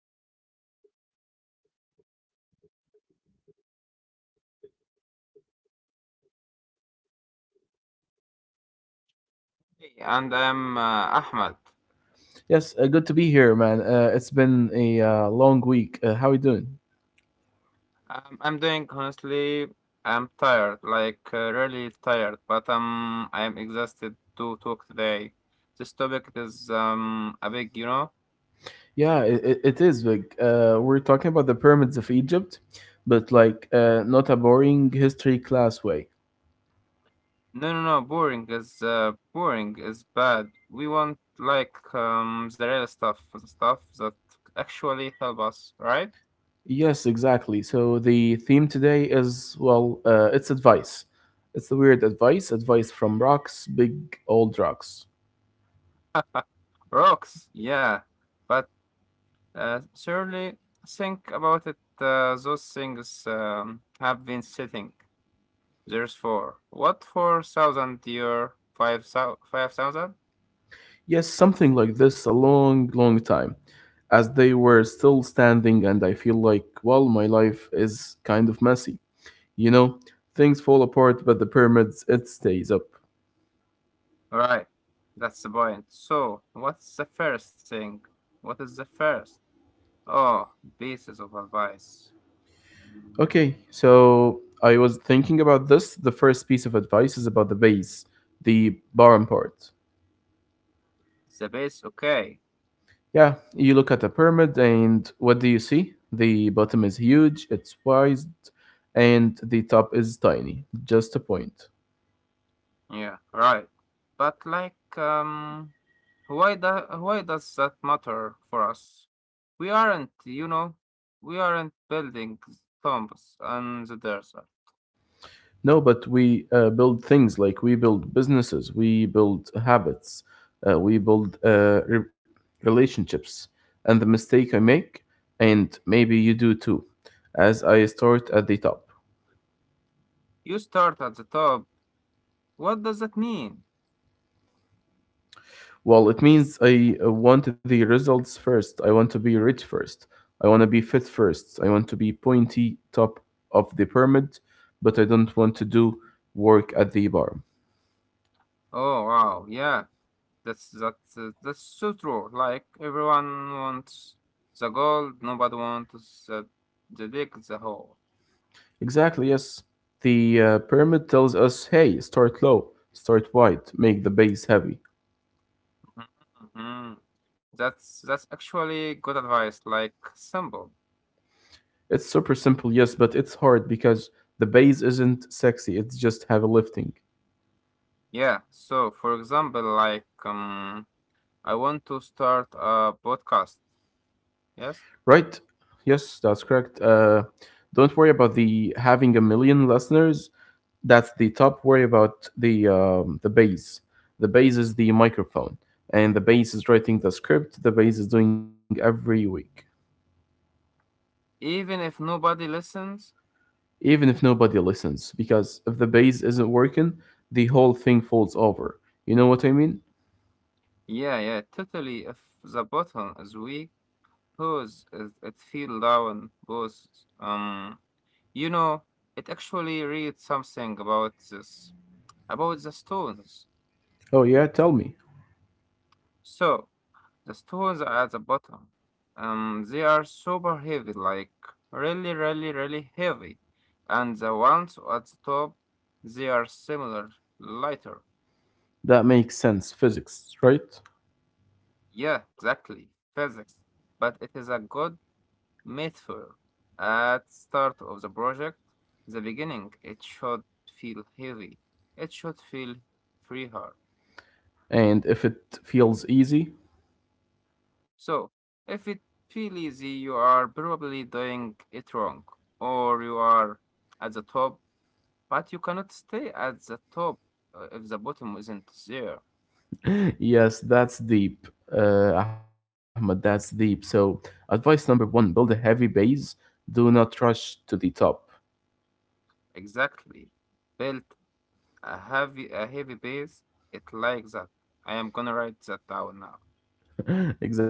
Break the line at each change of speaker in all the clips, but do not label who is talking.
on? Okay, yeah. Hi everyone, welcome back. I am host.
Hey, and I'm Ahmad.
Yes, good to be here, man. It's been a long week. How are you doing?
I'm doing honestly. I'm tired, like really tired, but I'm exhausted to talk today. This topic is a big.
Yeah, it is big. We're talking about the pyramids of Egypt, but like not a boring history class way.
No, no, no. Boring is bad. We want like the real stuff, the stuff that actually help us, right?
Yes, exactly. So the theme today is, well, it's advice. It's the weird advice from rocks, big old rocks.
Rocks, yeah. But surely think about it. Those things have been sitting. There's four. What, 4,000 dear? 5,000? 5,000?
Yes, something like this a long, long time, as they were still standing, and I feel like, well, my life is kind of messy. You know, Things fall apart, but the pyramids, it stays up.
Right. That's the point. So what's the first thing? What is the first? Oh, basis of advice.
Okay, so I was thinking about this. The first piece of advice is about the base, the bottom part.
The base, okay.
Yeah, you look at a pyramid and what do you see? The bottom is huge, it's wide, and the top is tiny, just a point.
Yeah, right. But like why do, why does that matter for us? We aren't, you know, we aren't building tombs on the desert.
No, but we build things like we build businesses, we build habits, we build relationships. And the mistake I make, and maybe you do too, as I start at the top.
You start at the top. What does that mean?
Well, it means I want the results first. I want to be rich first. I want to be fit first. I want to be pointy top of the pyramid, but I don't want to do work at the bar.
Oh wow, yeah. That's so true. Like everyone wants the gold, nobody wants the dick, the hole.
Exactly, yes. The pyramid tells us, hey, start low, start wide, make the base heavy.
Mhm. That's actually good advice. Like simple.
It's super simple, yes, but it's hard because the base isn't sexy, it's just heavy lifting.
Yeah. So for example, like I want to start a podcast. Yes.
Right? Yes, that's correct. Don't worry about the having a million listeners. That's the top. Worry about the base. The base is the microphone, and the base is writing the script. The base is doing every week.
Even if nobody listens.
Even if nobody listens, because if the bass isn't working, the whole thing falls over. You know what I mean?
Yeah. Yeah. Totally. If the button is weak, cause it feel down, both. um You know, it actually reads something about this, about the stones.
Oh yeah, tell me.
So, the stones are at the bottom. They are super heavy, like really, really, really heavy. And the ones at the top, they are similar, lighter.
That makes sense, physics, right?
Yeah, exactly, physics. But it is a good metaphor. At start of the project, the beginning, it should feel heavy. It should feel free.
And if it feels easy.
So, if it feel easy, you are probably doing it wrong, or you are at the top, but you cannot stay at the top if the bottom isn't there.
Yes, that's deep. Ahmed, that's deep. So advice number one, build a heavy base. Do not rush to the top.
Exactly. Built a heavy base. It like that. I am gonna write that down now.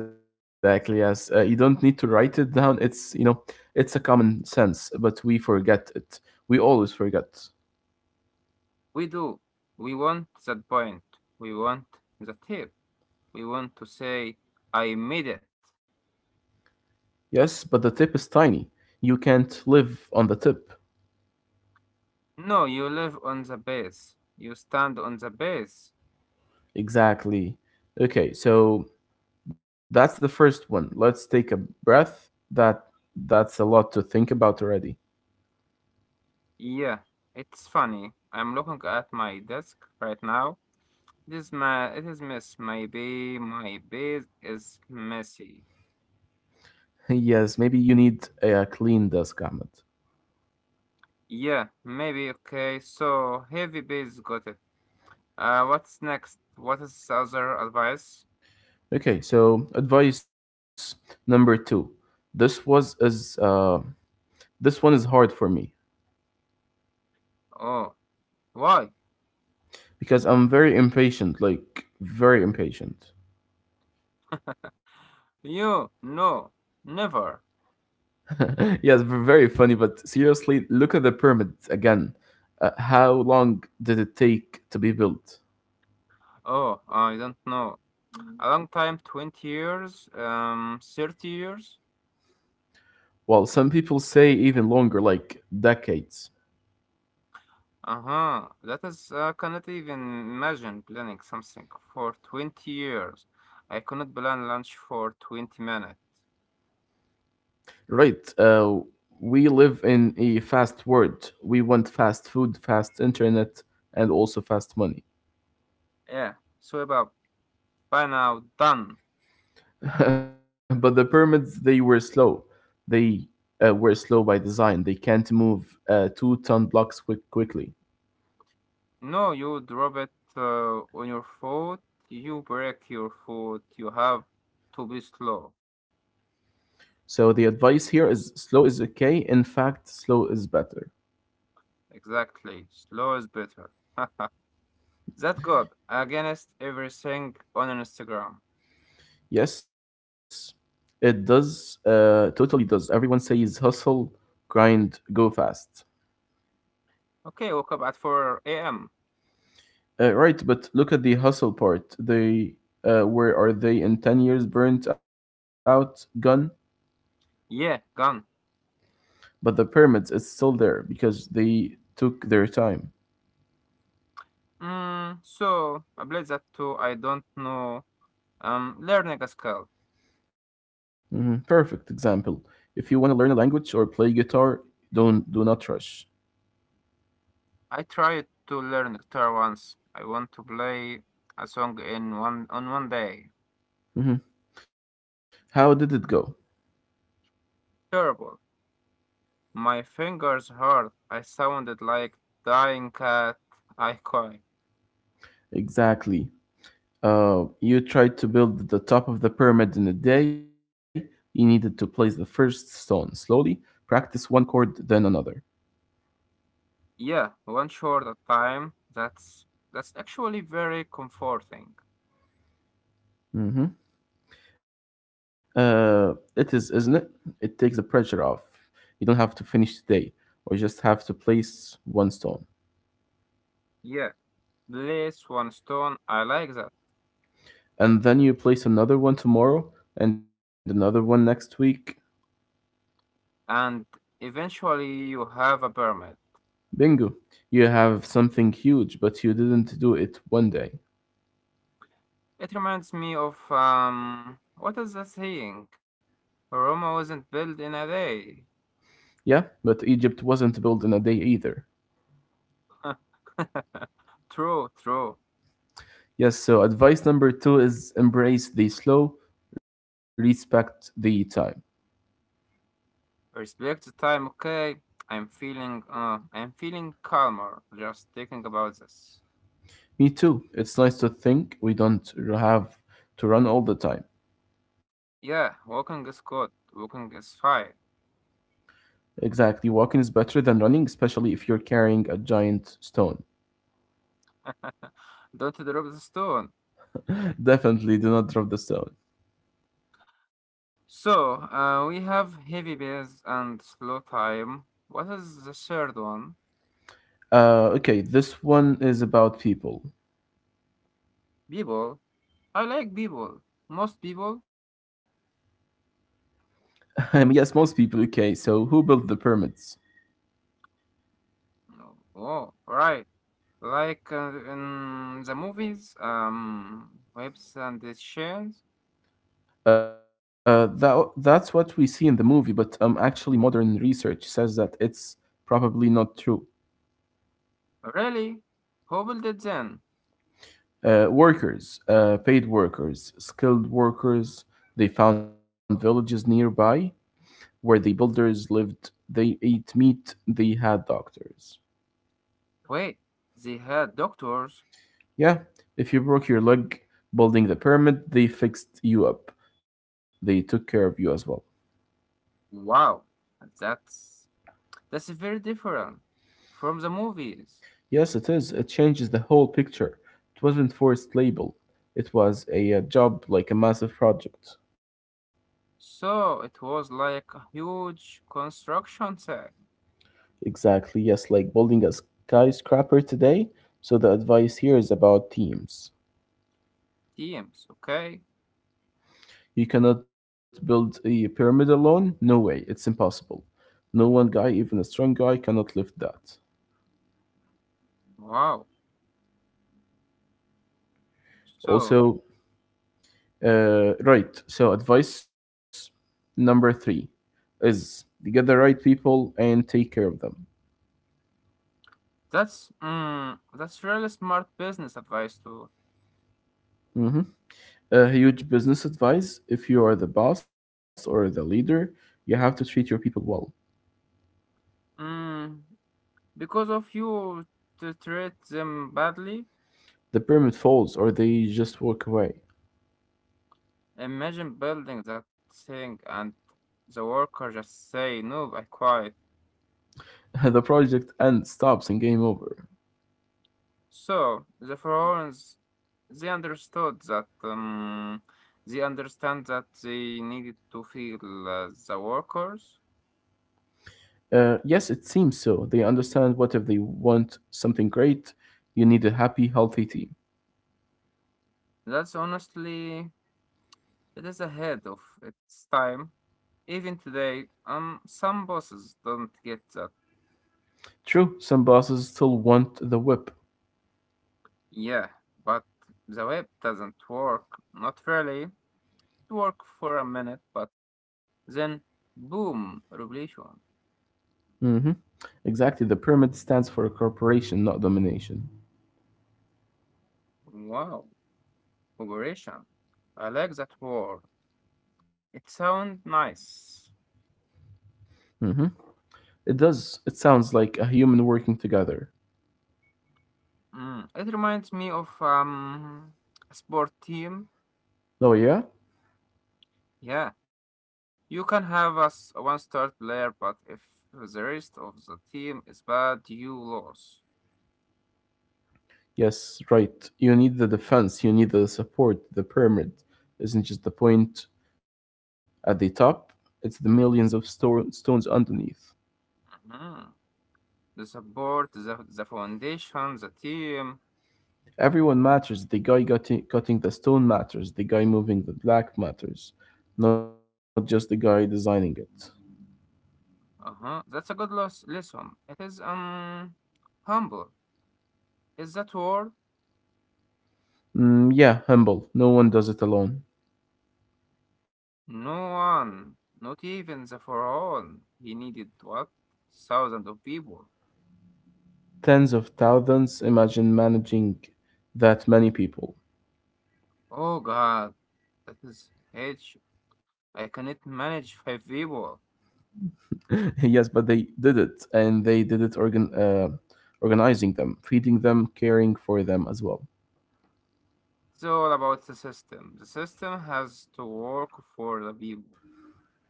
Exactly, yes. You don't need to write it down, it's you know it's a common sense, but we forget it. We always forget.
We do. We want that point. We want the tip. We want to say, I made it.
Yes, but the tip is tiny. You can't live on the tip.
No, you live on the base. You stand on the base.
Exactly. Okay, so that's the first one. Let's take a breath. That that's a lot to think about already.
Yeah, it's funny. I'm looking at my desk right now. This ma It is mess. Maybe my base is messy.
Yes, maybe you need a clean desk, Ahmed.
Yeah, maybe okay. So heavy base got it. What's next? What is other advice?
Okay, so advice number two. This was is uh, this one is hard for me
Oh, why?
because I'm very impatient, like very impatient.
You no, never.
Yes, very funny. But seriously, look at the pyramid again. How long did it take to be built?
Oh, I don't know. A long time, 20 years, 30 years.
Well, some people say even longer, like decades.
Uh-huh. That is, I cannot even imagine planning something for 20 years. I cannot plan lunch for 20 minutes.
Right. We live in a fast world. We want fast food, fast internet, and also fast money.
Yeah, so about by now, done.
But the pyramids, they were slow. They were slow by design. They can't move two-ton blocks quickly.
No, you drop it on your foot, you break your foot, you have to be slow.
So the advice here is slow is okay. In fact, slow is better.
Exactly, slow is better. That good. Against everything on Instagram.
Yes, it does. Totally does. Everyone says hustle, grind, go fast.
Okay, woke up at 4 a.m.
Right, but look at the hustle part. They, where are they in 10 years? Burnt out, gone.
Yeah, gone.
But the pyramids is still there because they took their time.
Mm, so, bless that too. I don't know. Learning a skill.
Mhm. Perfect example. If you want to learn a language or play guitar, don't do not rush.
I tried to learn guitar once. I want to play a song in one on one day.
Mhm. How did it go?
Terrible. My fingers hurt. I sounded like dying cat. I cry.
Exactly. You tried to build the top of the pyramid in a day, you needed to place the first stone slowly, practice one chord, then another.
Yeah, one short at time. That's actually very comforting.
Hmm. It is, isn't it? It takes the pressure off. You don't have to finish today, or you just have to place one stone.
Yeah, place one stone. I like that.
And then you place another one tomorrow and another one next week.
And eventually, you have a permit.
Bingo! You have something huge, but you didn't do it one day.
It reminds me of what is that saying? Roma wasn't built in a day.
Yeah, but Egypt wasn't built in a day either.
True, true.
Yes, so advice number two is embrace the slow, respect the time.
Respect the time, okay? I'm feeling calmer just thinking about this.
Me too. It's nice to think we don't have to run all the time.
Yeah, walking is good. Walking is fine.
Exactly. Walking is better than running, especially if you're carrying a giant stone.
Don't drop the stone.
Definitely do not drop the stone.
So, we have heavy bass and slow time. What is the third one?
Okay, this one is about people.
People. I like people. Most people.
Yes, most people. Okay, so who built the pyramids?
Oh, right. Like in the movies, Webbs and the Shanes.
That's what we see in the movie, but actually, modern research says that it's probably not true.
Really? Who built it then?
Workers, paid workers, skilled workers, they found villages nearby where the builders lived. They ate meat, they had doctors.
Wait, they had doctors?
Yeah, if you broke your leg building the pyramid, they fixed you up. They took care of you as well.
Wow, that's that's very different from the movies.
Yes, it is. It changes the whole picture. It wasn't forced labor. It was a, job like a massive project.
So it was like a huge construction site.
Exactly. Yes, like building a skyscraper today. So the advice here is about teams.
Teams. Okay,
You cannot build a pyramid alone? No way, it's impossible. No one guy, even a strong guy, cannot lift that.
wow. So
Also, right, so advice number three is get the right people and take care of them.
that's really smart business advice too.
Hmm. A huge business advice if you are the boss or the leader, you have to treat your people well.
Mm, because of you to treat them badly.
The pyramid falls or they just walk away.
Imagine building that thing and the worker just say, no, I quit.
The project ends, stops, and game over.
So the Pharaohs, they understood that they needed to feel the workers.
Yes, it seems so. They understand what if they want something great, you need a happy, healthy team.
That's honestly, it is ahead of its time. Even today, some bosses don't get that.
True, some bosses still want the whip.
Yeah, but the web doesn't work. Not really. It worked for a minute, but then boom, revolution.
Hmm. Exactly. The pyramid stands for cooperation, not domination.
Wow, operation. I like that word. It sounds nice.
Hmm. It does. It sounds like a human working together.
It reminds me of a sport team.
Oh, yeah?
Yeah, you can have us one star player, but if the rest of the team is bad, you lose.
Yes, right. You need the defense, you need the support. The pyramid isn't just the point at the top, it's the millions of stones underneath.
Mhm. The support, the foundation, the team.
Everyone matters. The guy cutting, the stone matters. The guy moving the block matters, not just the guy designing it.
Uh-huh. That's a good loss lesson. It is humble. Is that word?
Mm, yeah, humble. No one does it alone.
No one, not even the Pharaoh. He needed what? Thousands of people.
Tens of thousands. Imagine managing that many people.
Oh God, that is huge. I cannot manage five people.
Yes, but they did it, and they did it organizing them, feeding them, caring for them as well.
It's all about the system. The system has to work for the people.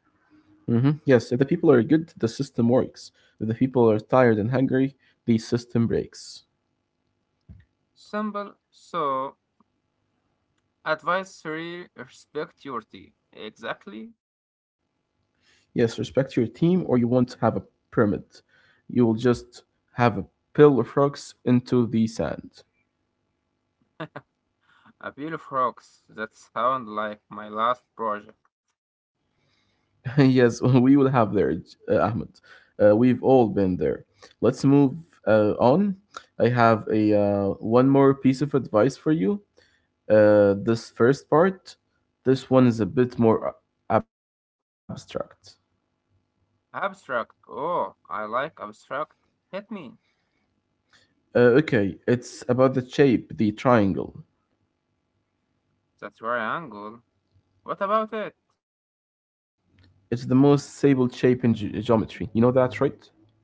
Hmm. Yes, if the people are good, the system works. If the people are tired and hungry, the system breaks.
Simple. So, advice three, respect your team. Exactly.
Yes, respect your team, or you won't have a pyramid. You will just have a pile of rocks into the sand.
A bill of rocks. That sound like my last project.
Yes, we will have there, Ahmed. We've all been there. Let's move on. I have a one more piece of advice for you. Uh, this first part, this one is a bit more abstract.
Abstract. Oh, I like abstract. Hit me.
Okay, it's about the shape, the triangle.
The triangle. What about it?
It's the most stable shape in geometry. You know that, right?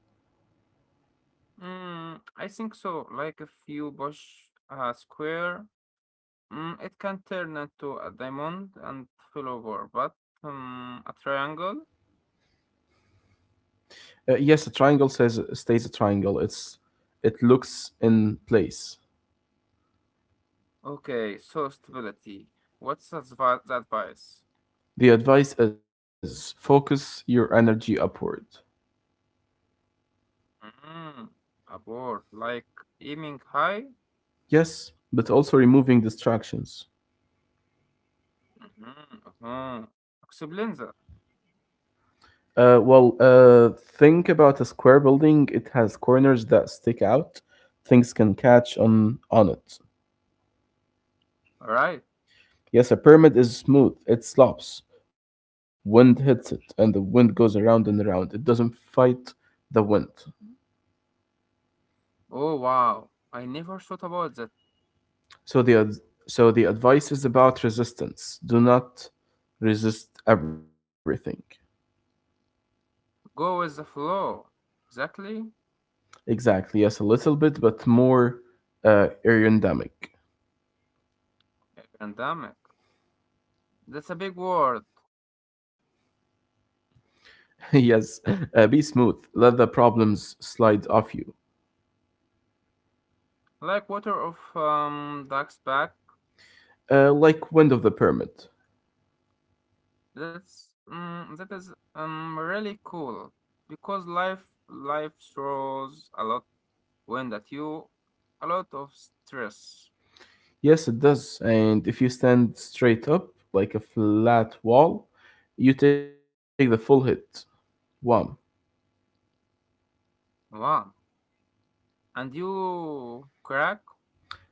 I think so. Like if you push a square, it can turn into a diamond and fall over. But a triangle?
Yes, a triangle says stays a triangle. It looks in place.
Okay, so stability. What's the advice?
The advice is focus your energy upward.
Mm, a board, like aiming high?
Yes, but also removing distractions.
Mm-hmm, uh-huh. Explain that.
Well, think about a square building. It has corners that stick out. Things can catch on it.
All right.
Yes, a pyramid is smooth. It slopes. Wind hits it, and the wind goes around and around. It doesn't fight the wind.
Oh, wow. I never thought about that.
So the so the advice is about resistance. Do not resist everything.
Go with the flow. Exactly.
Exactly. Yes, a little bit, but more aerodynamic.
Pandemic. That's a big word.
Yes. Be smooth. Let the problems slide off you,
Like water of duck's back.
like wind of the pyramid.
That is really cool because life throws a lot wind at you, a lot of stress.
Yes, it does. And if you stand straight up like a flat wall, you take the full hit. Wow.
Wow. And you crack.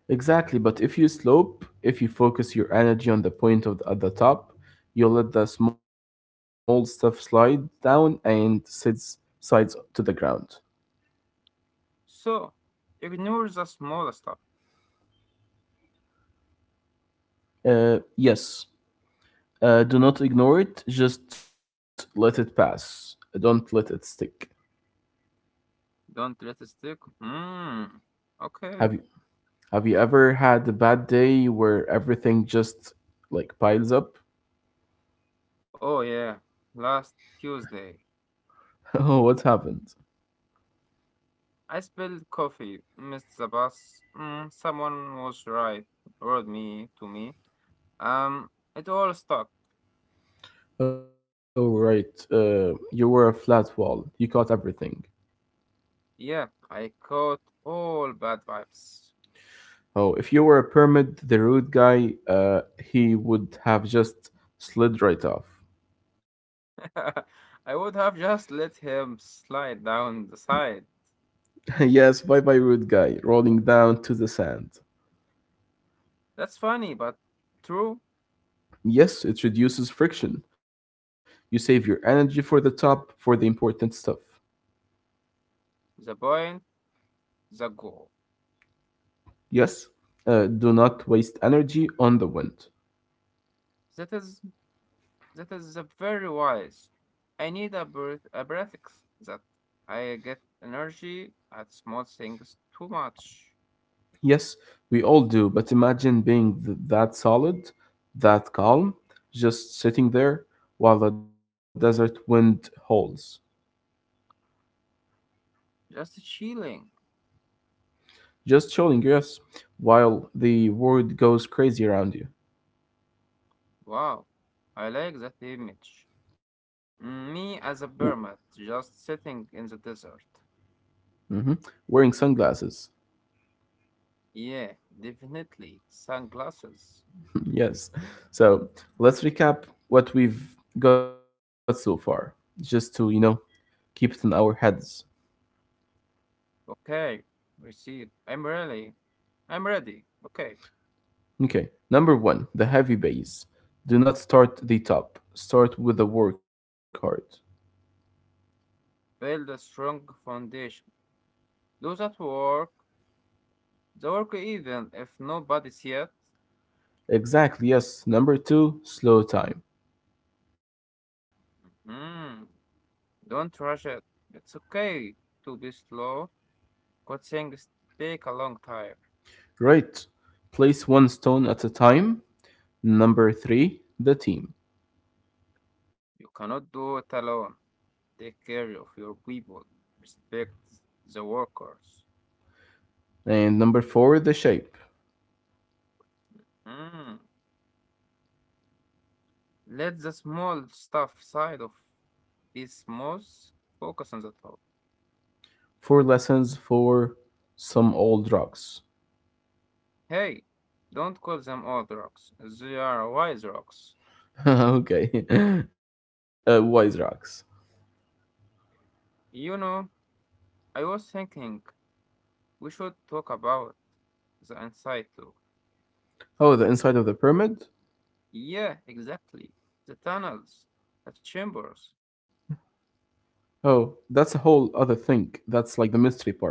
Exactly, but if you slope, if you focus your energy on the point of the, at the top, you'll let the small stuff slide down and sides to the ground.
So ignore the small stuff.
Yes, do not ignore it. Just let it pass. Don't let it stick.
Don't let it stick. Mm, okay.
Have you have you ever had a bad day where everything just like piles up?
Oh yeah, last Tuesday.
Oh, what happened?
I spilled coffee, missed the bus. Someone was right, wrote me to me. It all stuck.
Oh, right. You were a flat wall. You caught everything.
Yeah, I caught all bad vibes.
Oh, if you were a permit, the rude guy, he would have just slid right off.
I would have just let him slide down the side.
Yes, bye bye, rude guy, rolling down to the sand.
That's funny, but true.
Yes, it reduces friction. You save your energy for the top, for the important stuff.
The point, the goal.
Yes, do not waste energy on the wind.
That is that is the very wise. I need a breath, that I get energy at small things too much.
Yes, we all do, but imagine being that solid, that calm, just sitting there while the desert wind howls.
Just chilling.
Just chilling, yes, while the world goes crazy around you.
Wow, I like that image. Me
W-
as a permit, just sitting in the desert.
mhm. Wearing sunglasses.
Yeah, definitely. Sunglasses.
Yes. So let's recap what we've got so far, just to, keep it in our heads.
Okay, receive. I'm ready. I'm ready. Okay,
Okay. Number one, the heavy base. Do not start the top, start with the work hard.
build a strong foundation. Do that work. The work even if nobody see it.
Exactly, yes. Number two, slow time.
Mm, don't rush it. It's okay to be slow. Good things take a long time.
Right. Place one stone at a time. Number three, the team.
You cannot do it alone. Take care of your people. Respect the workers.
And number four, the shape.
Mm. Let the small stuff side of this most focus on the top.
Four lessons for some old rocks.
Hey, don't call them old rocks. They are wise rocks.
Okay, wise rocks.
You know, I was thinking we should talk about the inside too.
Oh, the inside of the pyramid?
Yeah, exactly. The tunnels, the chambers.
Oh, that's a whole other thing. That's like the mystery part.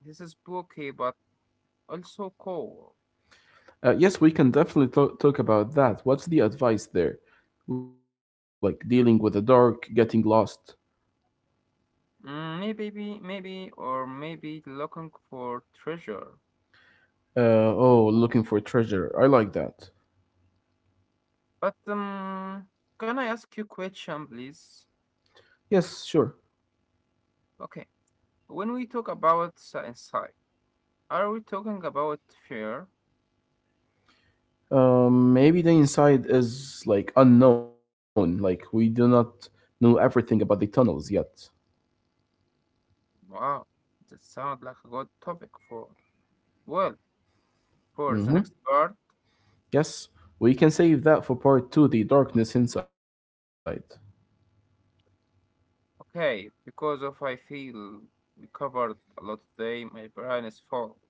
This is spooky but also cool.
Yes, we can definitely talk about that. What's the advice there? Like dealing with the dark, getting lost.
Maybe, maybe, or maybe looking for treasure.
Uh, oh, looking for treasure. I like that.
But can I ask you a question, please?
Yes, sure.
Okay, when we talk about science, are we talking about fear?
Maybe the inside is like unknown. Like we do not know everything about the tunnels yet.
Wow, that sounds like a good topic for, well, for the
Mhm.
next part.
Yes, we can save that for part two, The Darkness Inside.
Okay, because of I feel we covered a lot today, my brain is full.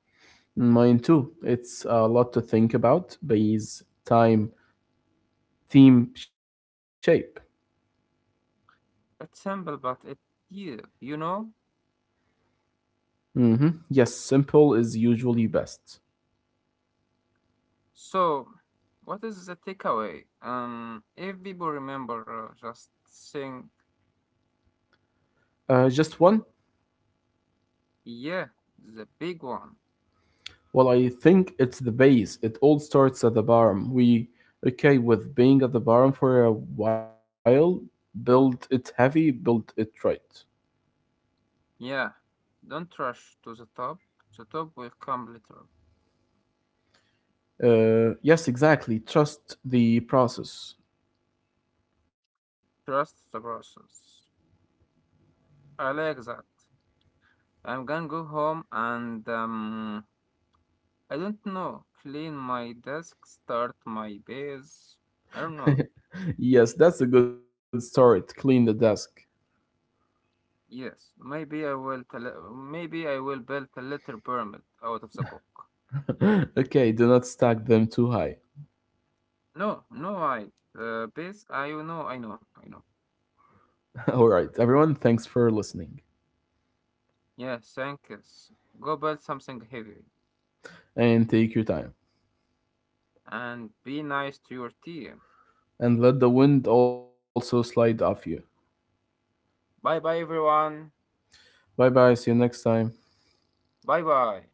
Mine too. It's a lot to think about. Base, time, theme, shape.
It's simple, but it's deep. You know?
Hmm. Yes, simple is usually best.
So, what is the takeaway? If people remember, just saying,
Just one?
yeah, the big one.
Well, I think it's the base. It all starts at the bottom. We okay with being at the bottom for a while. Build it heavy, build it right.
Yeah, don't rush to the top. The top will come later.
Yes, exactly. Trust the process.
Trust the process. I like that. I'm gonna go home and, I don't know, clean my desk, start my base. I don't know.
Yes, that's a good start. Clean the desk.
Yes, maybe I will build a little pyramid out of the book.
Okay, do not stack them too high.
No, no, I base. I know, I know.
All right, everyone, thanks for listening
Yeah, thank yous. Go build something heavy
and take your time.
and be nice to your team.
And let the wind also slide off you.
Bye bye, everyone.
Bye bye, see you next time.
Bye bye.